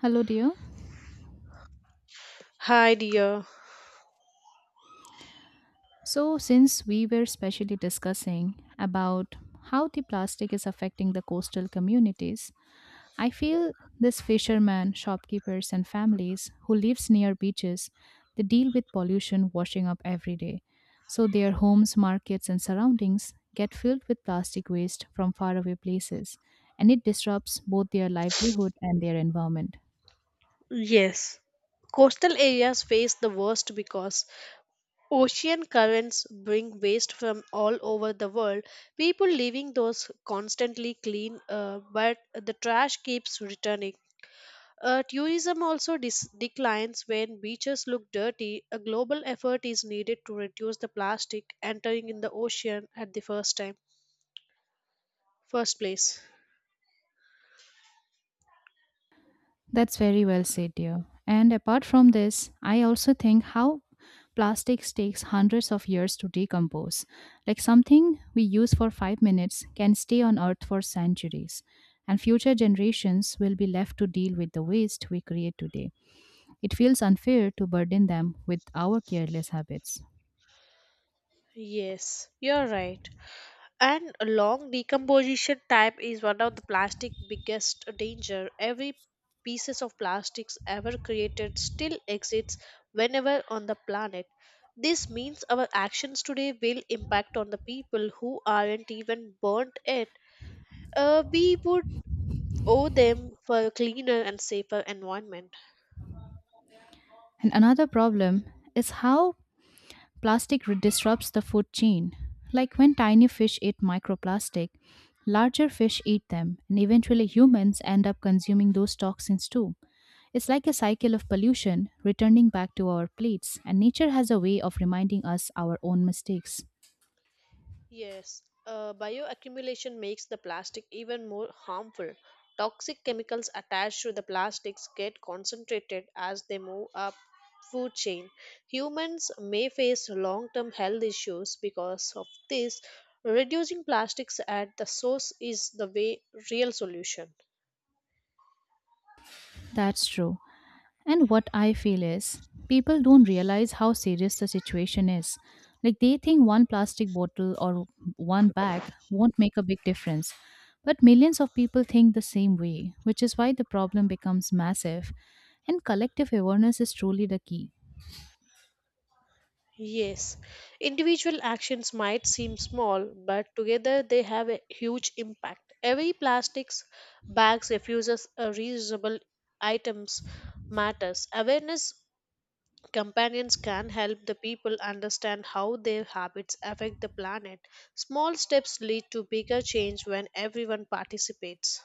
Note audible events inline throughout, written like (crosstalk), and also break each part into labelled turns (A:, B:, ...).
A: Hello, dear.
B: Hi, dear.
A: So, since we were specially discussing about how the plastic is affecting the coastal communities, I feel these fishermen, shopkeepers, and families who lives near beaches, they deal with pollution washing up every day. So their homes, markets, and surroundings get filled with plastic waste from faraway places, and it disrupts both their livelihood and their environment.
B: Yes. Coastal areas face the worst because ocean currents bring waste from all over the world. People leaving those constantly clean, but the trash keeps returning. Tourism also declines when beaches look dirty. A global effort is needed to reduce the plastic entering in the ocean at the first time, first place.
A: That's very well said, dear. And apart from this, I also think how plastics takes hundreds of years to decompose. Like something we use for 5 minutes can stay on earth for centuries, and future generations will be left to deal with the waste we create today. It feels unfair to burden them with our careless habits.
B: Yes, you're right. And a long decomposition time is one of the plastic biggest danger. Every pieces of plastics ever created still exists whenever on the planet. This means our actions today will impact on the people who aren't even burnt it. We would owe them for a cleaner and safer environment.
A: And another problem is how disrupts the food chain. Like when tiny fish eat microplastic, larger fish eat them, and eventually humans end up consuming those toxins too. It's like a cycle of pollution returning back to our plates, and nature has a way of reminding us our own mistakes.
B: Yes, bioaccumulation makes the plastic even more harmful. Toxic chemicals attached to the plastics get concentrated as they move up food chain. Humans may face long-term health issues because of this. Reducing plastics at the source is the way real solution.
A: That's true. And what I feel is, people don't realize how serious the situation is. Like, they think one plastic bottle or one bag won't make a big difference. But millions of people think the same way, which is why the problem becomes massive. And collective awareness is truly the key.
B: Yes, individual actions might seem small, but together they have a huge impact. Every plastics bags refuses a reusable items matters. Awareness companions can help the people understand how their habits affect the planet. Small steps lead to bigger change when everyone participates.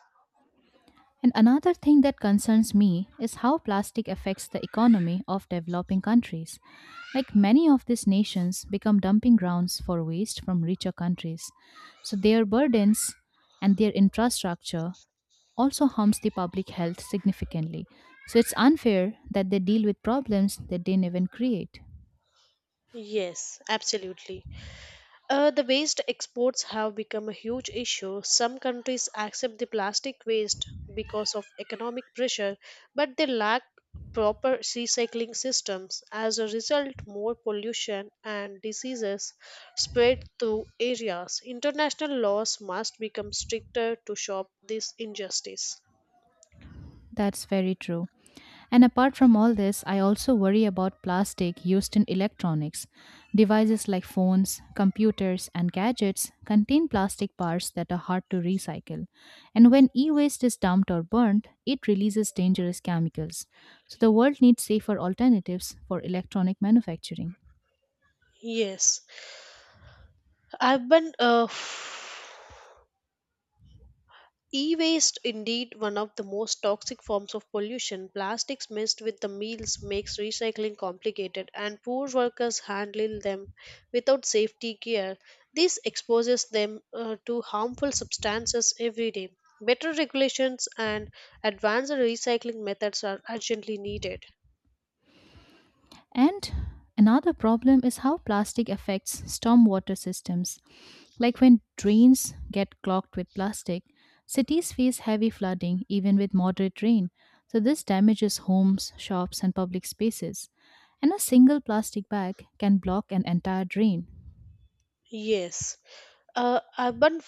A: And another thing that concerns me is how plastic affects the economy of developing countries. Like many of these nations become dumping grounds for waste from richer countries. So their burdens and their infrastructure also harms the public health significantly. So it's unfair that they deal with problems that they didn't even create.
B: Yes, absolutely. The waste exports have become a huge issue. Some countries accept the plastic waste because of economic pressure, but they lack proper recycling systems. As a result, more pollution and diseases spread through areas. International laws must become stricter to stop this injustice.
A: That's very true. And apart from all this, I also worry about plastic used in electronics. Devices like phones, computers, and gadgets contain plastic parts that are hard to recycle. And when e waste is dumped or burnt, it releases dangerous chemicals. So the world needs safer alternatives for electronic manufacturing.
B: Yes, urban E waste, indeed, one of the most toxic forms of pollution. Plastics mixed with the meals makes recycling complicated, and poor workers handle them without safety gear. This exposes them to harmful substances every day. Better regulations and advanced recycling methods are urgently needed.
A: And another problem is how plastic affects stormwater systems. Like when drains get clogged with plastic, cities face heavy flooding even with moderate rain. So, this damages homes, shops, and public spaces. And a single plastic bag can block an entire drain.
B: Yes. Urban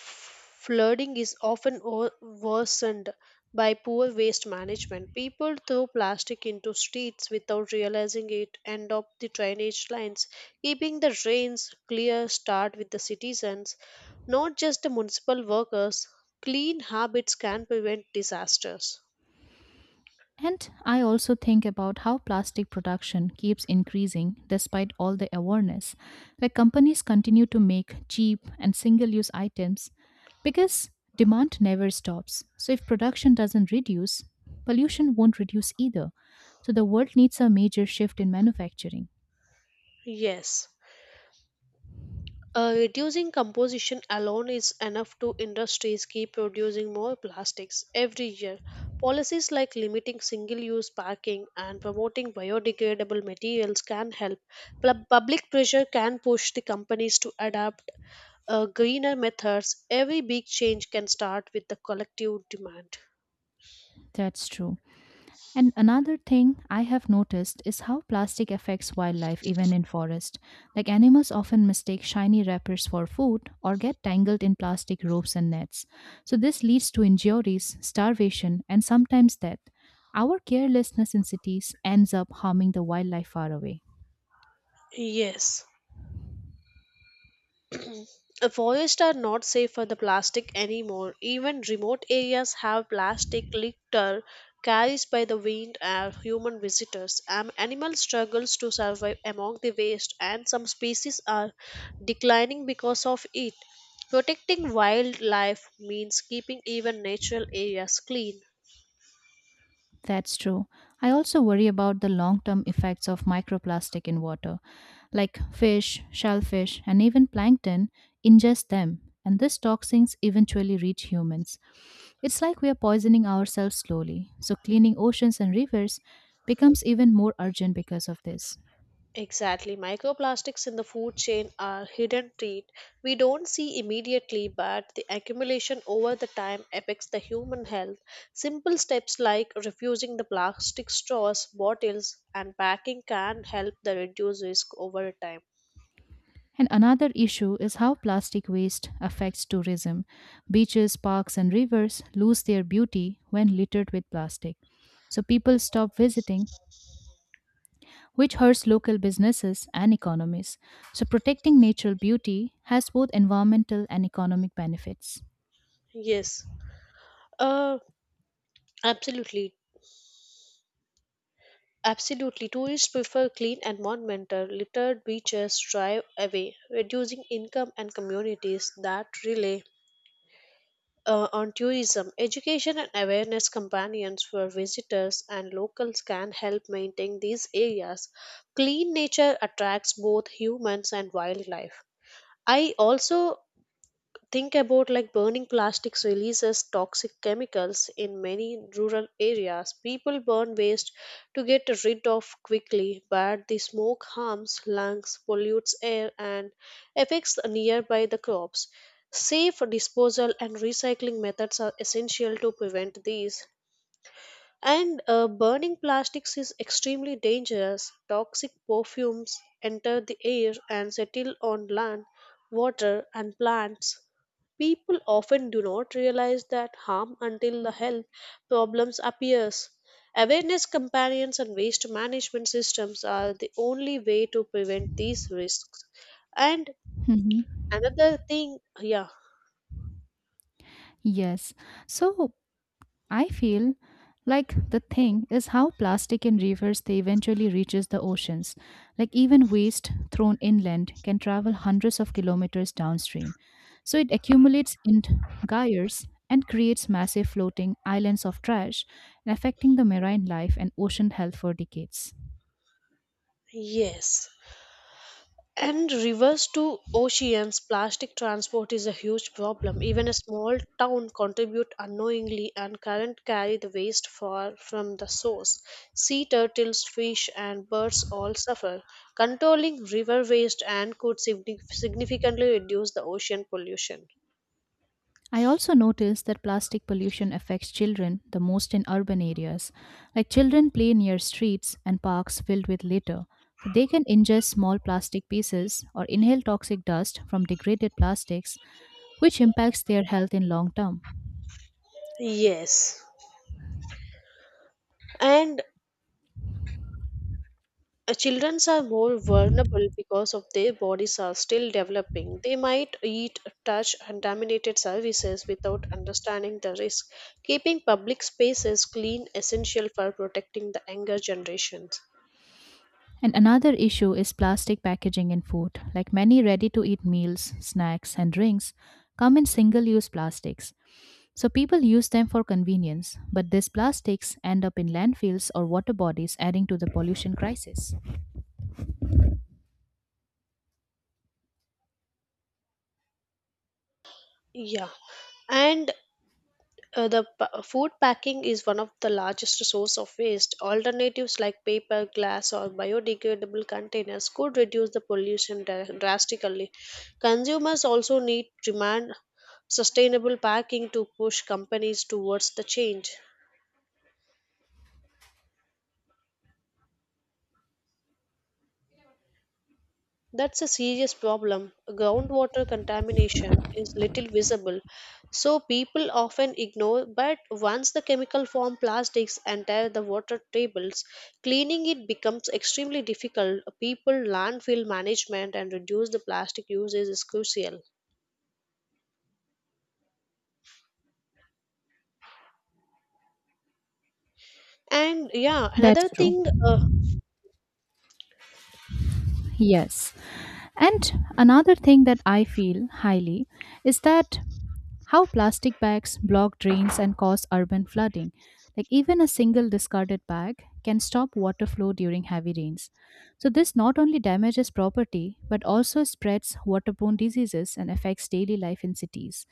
B: flooding is often worsened by poor waste management. People throw plastic into streets without realizing it, end up the drainage lines. Keeping the drains clear start with the citizens, not just the municipal workers. Clean habits can prevent disasters.
A: And I also think about how plastic production keeps increasing despite all the awareness. Like companies continue to make cheap and single use items because demand never stops. So if production doesn't reduce, pollution won't reduce either. So the world needs a major shift in manufacturing.
B: Yes. Reducing composition alone is enough to industries keep producing more plastics every year. Policies like limiting single-use packing and promoting biodegradable materials can help. Public pressure can push the companies to adapt greener methods. Every big change can start with the collective demand.
A: That's true. And another thing I have noticed is how plastic affects wildlife even in forest. Like animals often mistake shiny wrappers for food or get tangled in plastic ropes and nets. So this leads to injuries, starvation, and sometimes death. Our carelessness in cities ends up harming the wildlife far away.
B: Yes. The forests are not safe for the plastic anymore. Even remote areas have plastic litter carried by the wind and human visitors. An animal struggles to survive among the waste, and some species are declining because of it. Protecting wildlife means keeping even natural areas clean.
A: That's true. I also worry about the long term effects of microplastic in water, like fish, shellfish, and even plankton ingest them, and these toxins eventually reach humans. It's like we are poisoning ourselves slowly, so cleaning oceans and rivers becomes even more urgent because of this.
B: Exactly. Microplastics in the food chain are hidden treat we don't see immediately, but the accumulation over the time affects the human health. Simple steps like refusing the plastic straws, bottles, and packing can help the reduce risk over time.
A: And another issue is how plastic waste affects tourism. Beaches, parks, and rivers lose their beauty when littered with plastic. So people stop visiting which hurts local businesses and economies. So, protecting natural beauty has both environmental and economic benefits.
B: Yes. Uh absolutely. Absolutely. Tourists prefer clean environmental, littered beaches drive away, reducing income and communities that rely on tourism, education and awareness companions for visitors and locals can help maintain these areas. Clean nature attracts both humans and wildlife. I also think about like burning plastics releases toxic chemicals in many rural areas people burn waste to get rid of quickly but the smoke harms lungs pollutes air and affects nearby the crops safe disposal and recycling methods are essential to prevent these and burning plastics is extremely dangerous. Toxic perfumes enter the air and settle on land, water, and plants. People often do not realize that harm until the health problems appears. Awareness companions and waste management systems are the only way to prevent these risks. And
A: Mhm.
B: another thing, yeah,
A: Yes. So, I feel like the thing is how plastic in rivers they eventually reaches the oceans. Like even waste thrown inland can travel hundreds of kilometers downstream. So it accumulates in gyres and creates massive floating islands of trash, affecting the marine life and ocean health for decades.
B: yes. And rivers to oceans, plastic transport is a huge problem. Even a small town contribute unknowingly and current carry the waste far from the source. Sea turtles, fish and birds all suffer. Controlling river waste and could significantly reduce the ocean pollution.
A: I also noticed that plastic pollution affects children the most in urban areas. Like children play near streets and parks filled with litter, so they can ingest small plastic pieces or inhale toxic dust from degraded plastics, which impacts their health in long term.
B: Yes. And Children are more vulnerable because of their bodies are still developing. They might eat, touch contaminated surfaces without understanding the risk. Keeping public spaces clean essential for protecting the younger generations.
A: And another issue is plastic packaging in food. Like many ready to eat meals, snacks, and drinks come in single use plastics. So people use them for convenience, but these plastics end up in landfills or water bodies, adding to the pollution crisis.
B: Yeah, and the food packing is one of the largest source of waste. Alternatives like paper, glass, or biodegradable containers could reduce the pollution drastically. Consumers also need demand sustainable packing to push companies towards the change. That's a serious problem. Groundwater contamination is little visible, so people often ignore. But once the chemical form plastics enter the water tables, cleaning it becomes extremely difficult. People landfill management and reduce the plastic uses is crucial. And yeah, another
A: That's true.
B: thing,
A: Yes. And another thing that I feel highly is that how plastic bags block drains and cause urban flooding. Like even a single discarded bag can stop water flow during heavy rains. So this not only damages property but also spreads waterborne diseases and affects daily life in cities.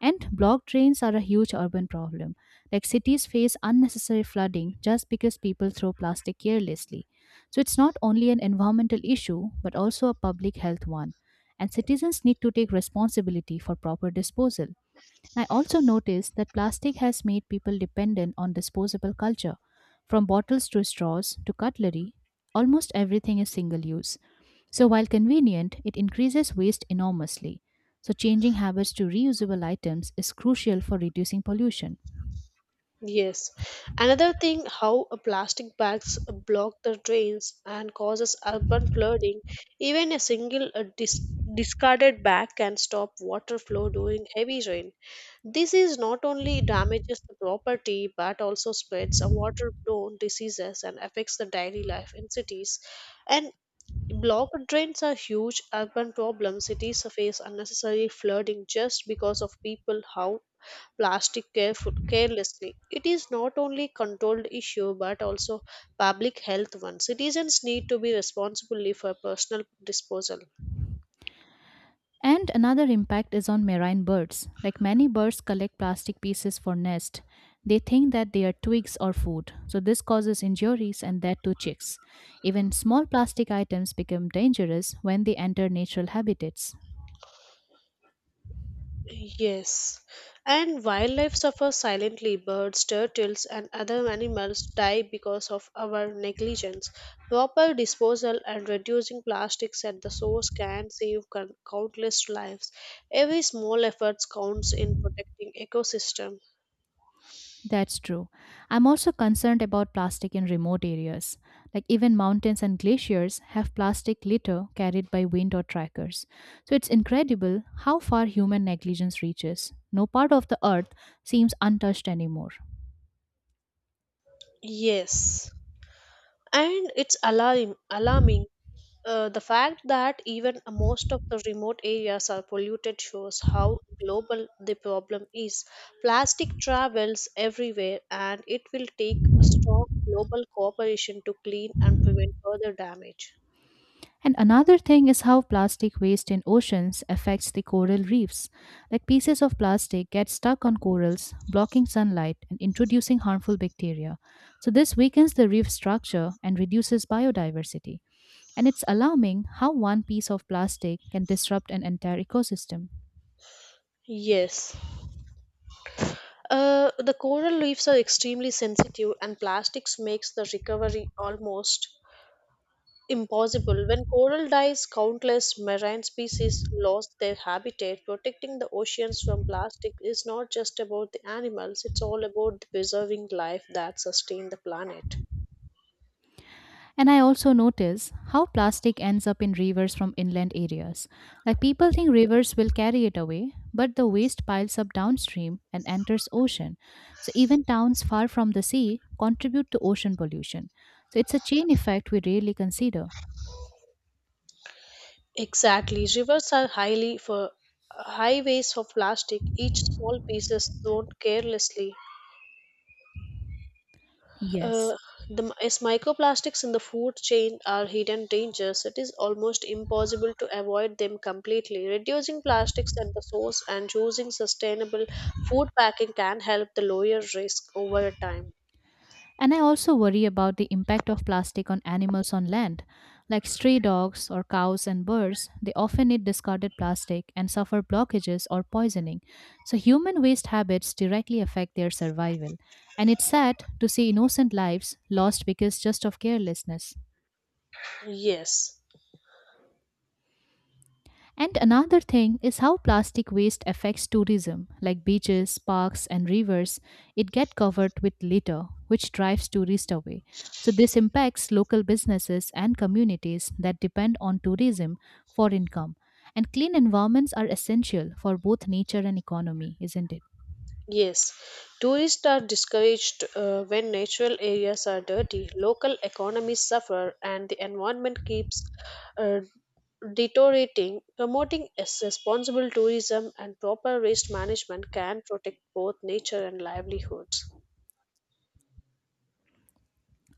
A: And blocked drains are a huge urban problem. Like cities face unnecessary flooding just because people throw plastic carelessly. So it's not only an environmental issue, but also a public health one. And citizens need to take responsibility for proper disposal. And I also noticed that plastic has made people dependent on disposable culture. From bottles to straws to cutlery, almost everything is single use. So while convenient, it increases waste enormously. So changing habits to reusable items is crucial for reducing pollution.
B: yes. Another thing, how a plastic bags block the drains and causes urban flooding. Even a single discarded bag can stop water flow during heavy rain. This is not only damages the property but also spreads a waterborne diseases and affects the daily life in cities. And blocked drains are huge urban problem. Cities face unnecessary flooding just because of people how plastic careful, carelessly. It is not only controlled issue but also public health one. Citizens need to be responsible for personal disposal.
A: And another impact is on marine birds. Like many birds collect plastic pieces for nest. They think that they are twigs or food. So this causes injuries and that to chicks. Even small plastic items become dangerous when they enter natural habitats.
B: Yes, and wildlife suffers silently. Birds, turtles, and other animals die because of our negligence. Proper disposal and reducing plastics at the source can save countless lives. Every small effort counts in protecting ecosystem.
A: That's true. I'm also concerned about plastic in remote areas. Like even mountains and glaciers have plastic litter carried by wind or trackers. So it's incredible how far human negligence reaches. No part of the earth seems untouched anymore.
B: Yes, and it's alarming. The fact that even most of the remote areas are polluted shows how global the problem is. Plastic travels everywhere, and it will take strong global cooperation to clean and prevent further damage.
A: And another thing is how plastic waste in oceans affects the coral reefs. Like pieces of plastic get stuck on corals, blocking sunlight and introducing harmful bacteria. So this weakens the reef structure and reduces biodiversity. And it's alarming how one piece of plastic can disrupt an entire ecosystem.
B: Yes. The coral reefs are extremely sensitive, and plastics makes the recovery almost impossible. When coral dies, countless marine species lost their habitat. Protecting the oceans from plastic is not just about the animals, it's all about preserving life that sustain the planet.
A: And I also notice how plastic ends up in rivers from inland areas. Like people think rivers will carry it away, but the waste piles up downstream and enters ocean. So even towns far from the sea contribute to ocean pollution. So it's a chain effect we rarely consider.
B: Exactly. Rivers are highly for highways of plastic. Each small piece is thrown carelessly. Uh,
A: Yes.
B: as microplastics in the food chain are hidden dangers, it is almost impossible to avoid them completely. Reducing plastics at the source and choosing sustainable food packing can help the lower risk over time.
A: And I also worry about the impact of plastic on animals on land. Like stray dogs or cows and birds, they often eat discarded plastic and suffer blockages or poisoning. So, human waste habits directly affect their survival. And it's sad to see innocent lives lost because just of carelessness.
B: Yes.
A: And another thing is how plastic waste affects tourism, like beaches, parks, and rivers. It get covered with litter, which drives tourists away. So this impacts local businesses and communities that depend on tourism for income. And clean environments are essential for both nature and economy, isn't it?
B: Yes, tourists are discouraged when natural areas are dirty, local economies suffer, and the environment keeps uh, deteriorating. Promoting responsible tourism and proper waste management can protect both nature and livelihoods.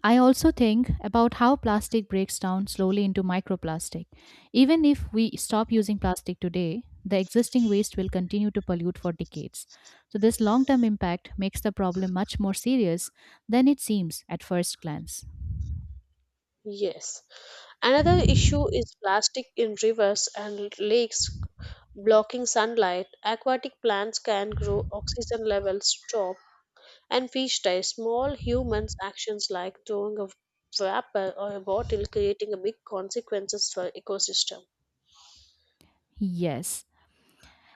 A: I also think about how plastic breaks down slowly into microplastic. Even if we stop using plastic today, the existing waste will continue to pollute for decades. So, this long term impact makes the problem much more serious than it seems at first glance.
B: Yes. Another issue is plastic in rivers and lakes blocking sunlight. Aquatic plants can grow, oxygen levels drop, and fish ties, small humans' actions like throwing a wrapper or a bottle creating a big consequences for ecosystem.
A: Yes,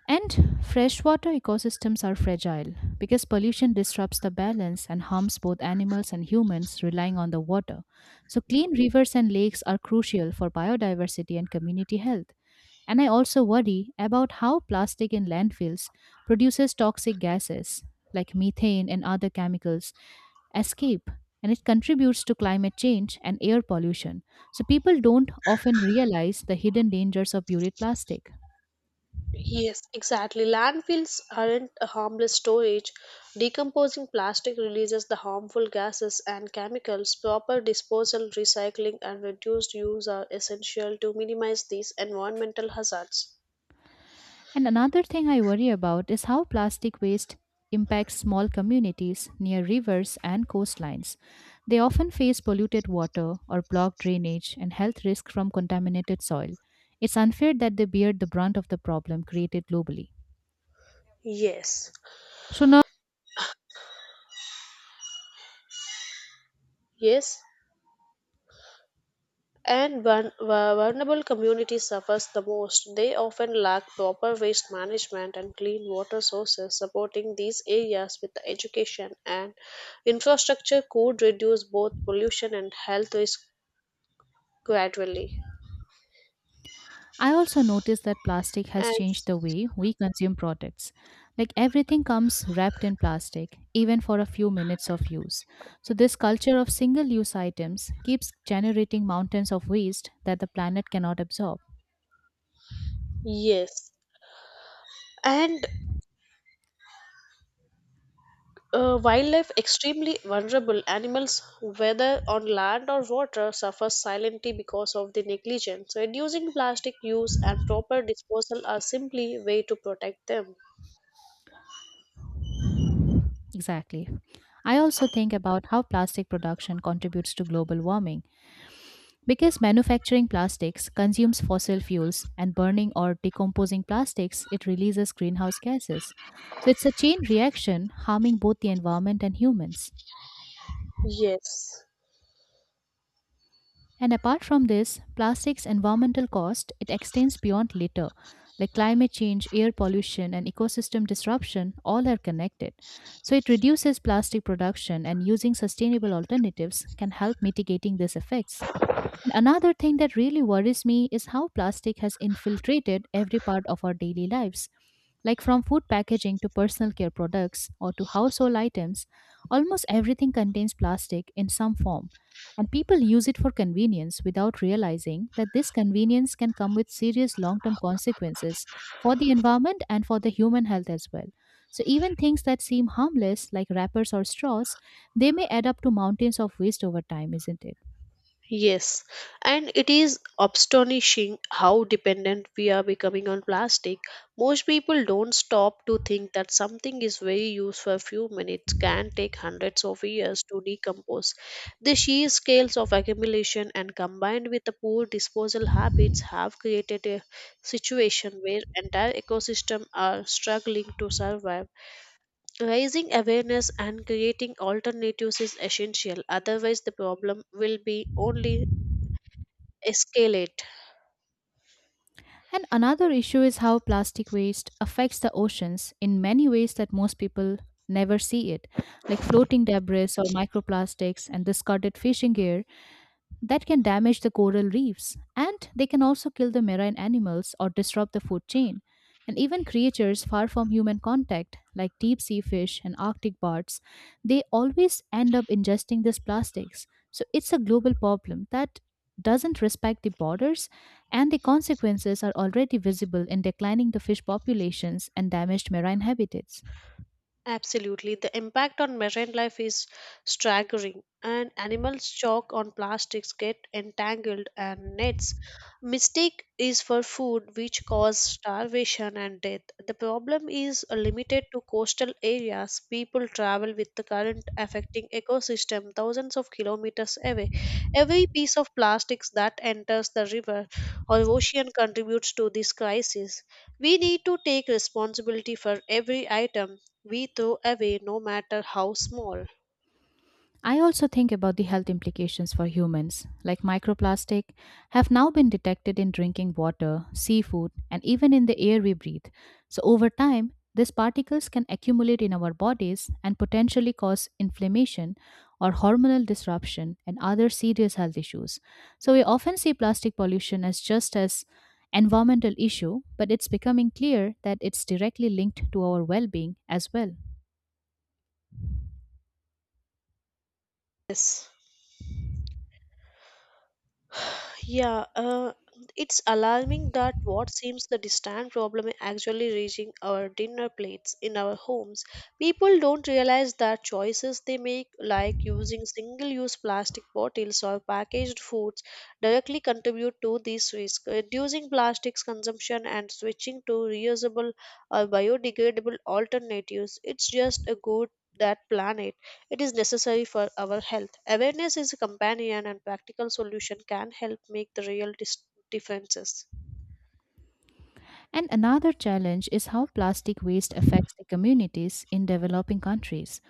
A: and freshwater ecosystems are fragile because pollution disrupts the balance and harms both animals and humans relying on the water. So, clean rivers and lakes are crucial for biodiversity and community health. And I also worry about how plastic in landfills produces toxic gases like methane and other chemicals escape and it contributes to climate change and air pollution. So, people don't often realize the hidden dangers of buried plastic.
B: Yes, exactly. Landfills aren't a harmless storage. Decomposing plastic releases the harmful gases and chemicals. Proper disposal, recycling, and reduced use are essential to minimize these environmental hazards.
A: And another thing I worry about is how plastic waste impacts small communities near rivers and coastlines. They often face polluted water or blocked drainage and health risks from contaminated soil. It's unfair that they bear the brunt of the problem created globally.
B: Yes.
A: So, now
B: Yes, and vulnerable communities suffers the most. They often lack proper waste management and clean water sources. Supporting these areas with education and infrastructure could reduce both pollution and health risk gradually.
A: I also noticed that plastic has
B: And
A: changed the way we consume products. Like everything comes wrapped in plastic, even for a few minutes of use. So, this culture of single use items keeps generating mountains of waste that the planet cannot absorb.
B: yes, and wildlife extremely vulnerable animals, whether on land or water, suffer silently because of the negligence. Reducing plastic use and proper disposal are simply way to protect them.
A: Exactly. I also think about how plastic production contributes to global warming. Because manufacturing plastics consumes fossil fuels and burning or decomposing plastics, it releases greenhouse gases. So it's a chain reaction harming both the environment and humans.
B: Yes,
A: And apart from this, plastics' environmental cost, it extends beyond litter. Like climate change, air pollution, and ecosystem disruption, all are connected. So it reduces plastic production and using sustainable alternatives can help mitigating these effects. And another thing that really worries me is how plastic has infiltrated every part of our daily lives. Like from food packaging to personal care products or to household items, almost everything contains plastic in some form. And people use it for convenience without realizing that this convenience can come with serious long term consequences for the environment and for the human health as well. So, even things that seem harmless, like wrappers or straws, they may add up to mountains of waste over time, isn't it?
B: yes. And it is astonishing how dependent we are becoming on plastic. Most people don't stop to think that something is very used for a few minutes can take hundreds of years to decompose. The sheer scales of accumulation and combined with the poor disposal habits have created a situation where entire ecosystems are struggling to survive. Raising awareness and creating alternatives is essential, otherwise, the problem will be only escalate.
A: And another issue is how plastic waste affects the oceans in many ways that most people never see it, like floating debris or microplastics and discarded fishing gear that can damage the coral reefs, and they can also kill the marine animals or disrupt the food chain. And even creatures far from human contact, like deep sea fish and Arctic birds, they always end up ingesting these plastics. So it's a global problem that doesn't respect the borders, and the consequences are already visible in declining the fish populations and damaged marine habitats.
B: Absolutely. The impact on marine life is staggering, and animals choke on plastics, get entangled, and nets. Mistake is for food, which cause starvation and death. The problem is limited to coastal areas. People travel with the current affecting ecosystem thousands of kilometers away. Every piece of plastics that enters the river or ocean contributes to this crisis. We need to take responsibility for every item we throw away no matter how small.
A: I also think about the health implications for humans, like microplastic have now been detected in drinking water, seafood, and even in the air we breathe. So over time, these particles can accumulate in our bodies and potentially cause inflammation or hormonal disruption and other serious health issues. So we often see plastic pollution as just as environmental issue, but it's becoming clear that it's directly linked to our well-being as well.
B: Yes. (sighs) Yeah, uh, it's alarming that what seems the distant problem is actually reaching our dinner plates in our homes. People don't realize that choices they make, like using single use plastic bottles or packaged foods, directly contribute to this risk. Reducing plastics consumption and switching to reusable or biodegradable alternatives, it's just a good that planet. It is necessary for our health. Awareness is a companion, and practical solution can help make the real differences.
A: And another challenge is how plastic waste affects the communities in developing countries.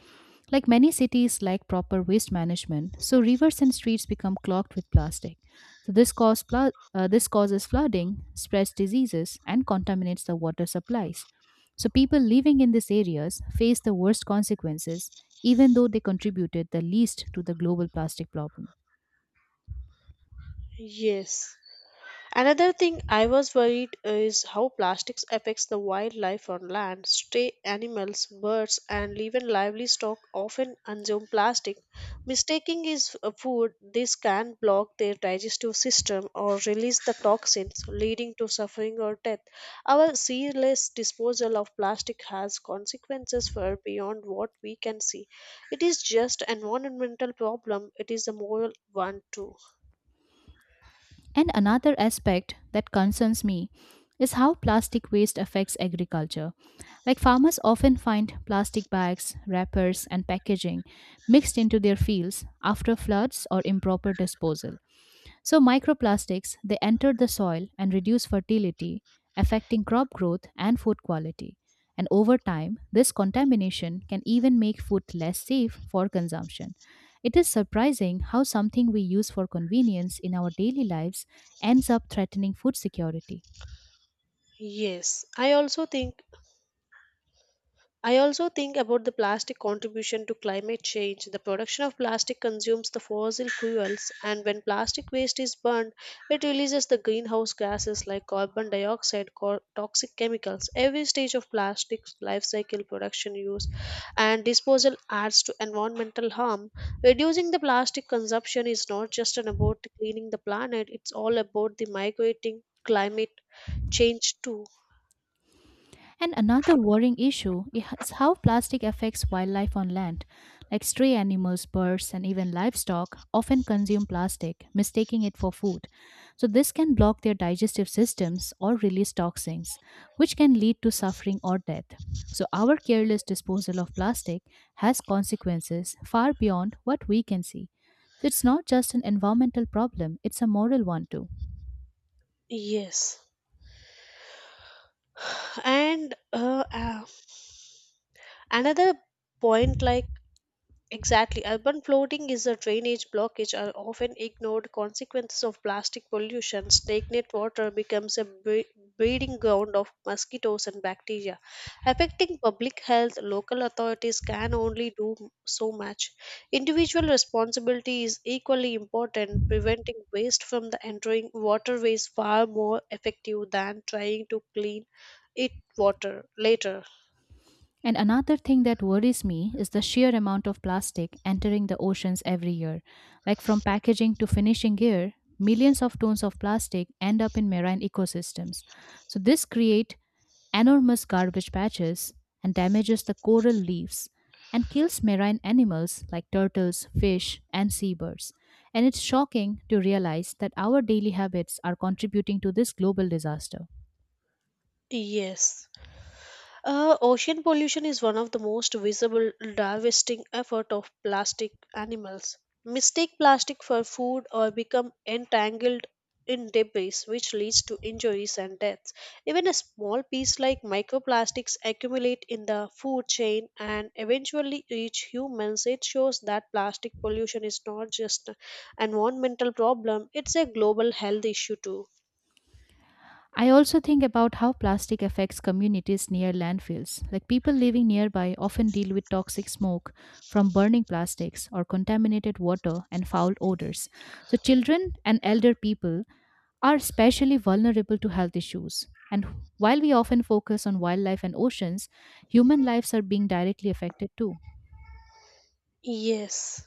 A: Like many cities lack proper waste management, so rivers and streets become clogged with plastic. So this this causes flooding, spreads diseases, and contaminates the water supplies. So people living in these areas face the worst consequences, even though they contributed the least to the global plastic problem.
B: Yes. Another thing I was worried is how plastics affects the wildlife on land. Stray animals, birds, and even livestock often consume plastic. Mistaking is a food, this can block their digestive system or release the toxins, leading to suffering or death. Our careless disposal of plastic has consequences far beyond what we can see. It is just an environmental problem; it is a moral one too.
A: And another aspect that concerns me is how plastic waste affects agriculture. Like farmers often find plastic bags, wrappers, and packaging mixed into their fields after floods or improper disposal. So microplastics, they enter the soil and reduce fertility, affecting crop growth and food quality. And over time, this contamination can even make food less safe for consumption. It is surprising how something we use for convenience in our daily lives ends up threatening food security.
B: Yes, I also think about the plastic contribution to climate change. The production of plastic consumes the fossil fuels, and when plastic waste is burned, it releases the greenhouse gases like carbon dioxide, toxic chemicals. Every stage of plastic's life cycle, production, use, and disposal adds to environmental harm. Reducing the plastic consumption is not just an about cleaning the planet, it's all about the migrating climate change too.
A: And another worrying issue is how plastic affects wildlife on land. Like stray animals, birds, and even livestock often consume plastic, mistaking it for food. So, this can block their digestive systems or release toxins, which can lead to suffering or death. So, our careless disposal of plastic has consequences far beyond what we can see. So, it's not just an environmental problem, it's a moral one too.
B: Yes. (sighs) And Another point, like exactly urban flooding is a drainage blockage are often ignored consequences of plastic pollution. Stagnant water becomes a breeding ground of mosquitoes and bacteria, affecting public health. Local authorities can only do so much. Individual responsibility is equally important. Preventing waste from the entering waterways far more effective than trying to clean it water later.
A: And another thing that worries me is the sheer amount of plastic entering the oceans every year. Like from packaging to finishing gear, millions of tons of plastic end up in marine ecosystems. So this creates enormous garbage patches and damages the coral reefs and kills marine animals like turtles, fish, and seabirds. And it's shocking to realize that our daily habits are contributing to this global disaster.
B: Yes. Ocean pollution is one of the most visible divesting effort of plastic animals. Mistake plastic for food or become entangled in debris, which leads to injuries and deaths. Even a small piece like microplastics accumulate in the food chain and eventually reach humans. It shows that plastic pollution is not just an environmental problem; it's a global health issue too.
A: I also think about how plastic affects communities near landfills. Like people living nearby often deal with toxic smoke from burning plastics or contaminated water and foul odors. So, children and elder people are especially vulnerable to health issues. And while we often focus on wildlife and oceans, human lives are being directly affected too.
B: Yes.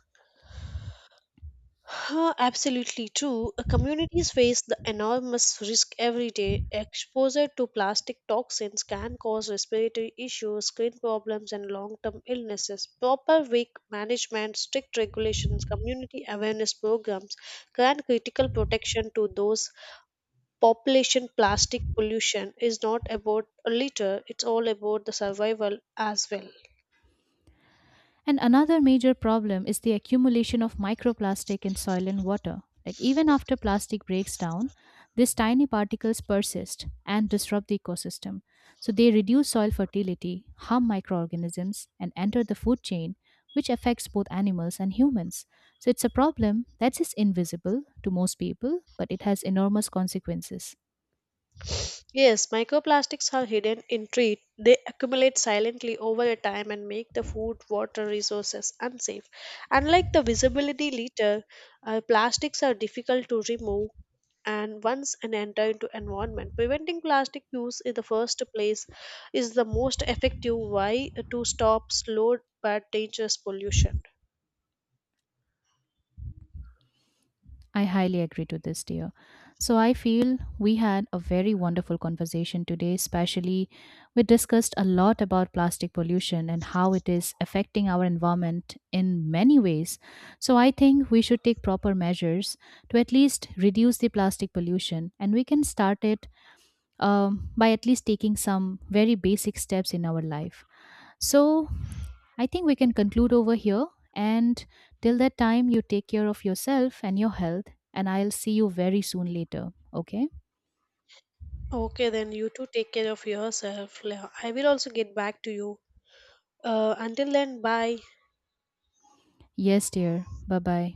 B: Absolutely true. Communities face the enormous risk every day. Exposure to plastic toxins can cause respiratory issues, skin problems, and long term illnesses. Proper wake management, strict regulations, community awareness programs grant critical protection to those population. Plastic pollution is not about a litter, it's all about the survival as well.
A: And another major problem is the accumulation of microplastic in soil and water. Like even after plastic breaks down, these tiny particles persist and disrupt the ecosystem. So they reduce soil fertility, harm microorganisms, and enter the food chain, which affects both animals and humans. So it's a problem that is invisible to most people, but it has enormous consequences.
B: Yes, microplastics are hidden in treat. They accumulate silently over a time and make the food, water resources unsafe. Unlike the visibility litter, plastics are difficult to remove and once and enter into environment. Preventing plastic use in the first place is the most effective way to stop slow but dangerous pollution.
A: I highly agree to this, dear. So I feel we had a very wonderful conversation today, especially we discussed a lot about plastic pollution and how it is affecting our environment in many ways. So I think we should take proper measures to at least reduce the plastic pollution, and we can start it by at least taking some very basic steps in our life. So I think we can conclude over here. And till that time, you take care of yourself and your health. And I'll see you very soon later. Okay?
B: Okay, then you too take care of yourself. I will also get back to you. Until then, bye.
A: Yes, dear. Bye bye.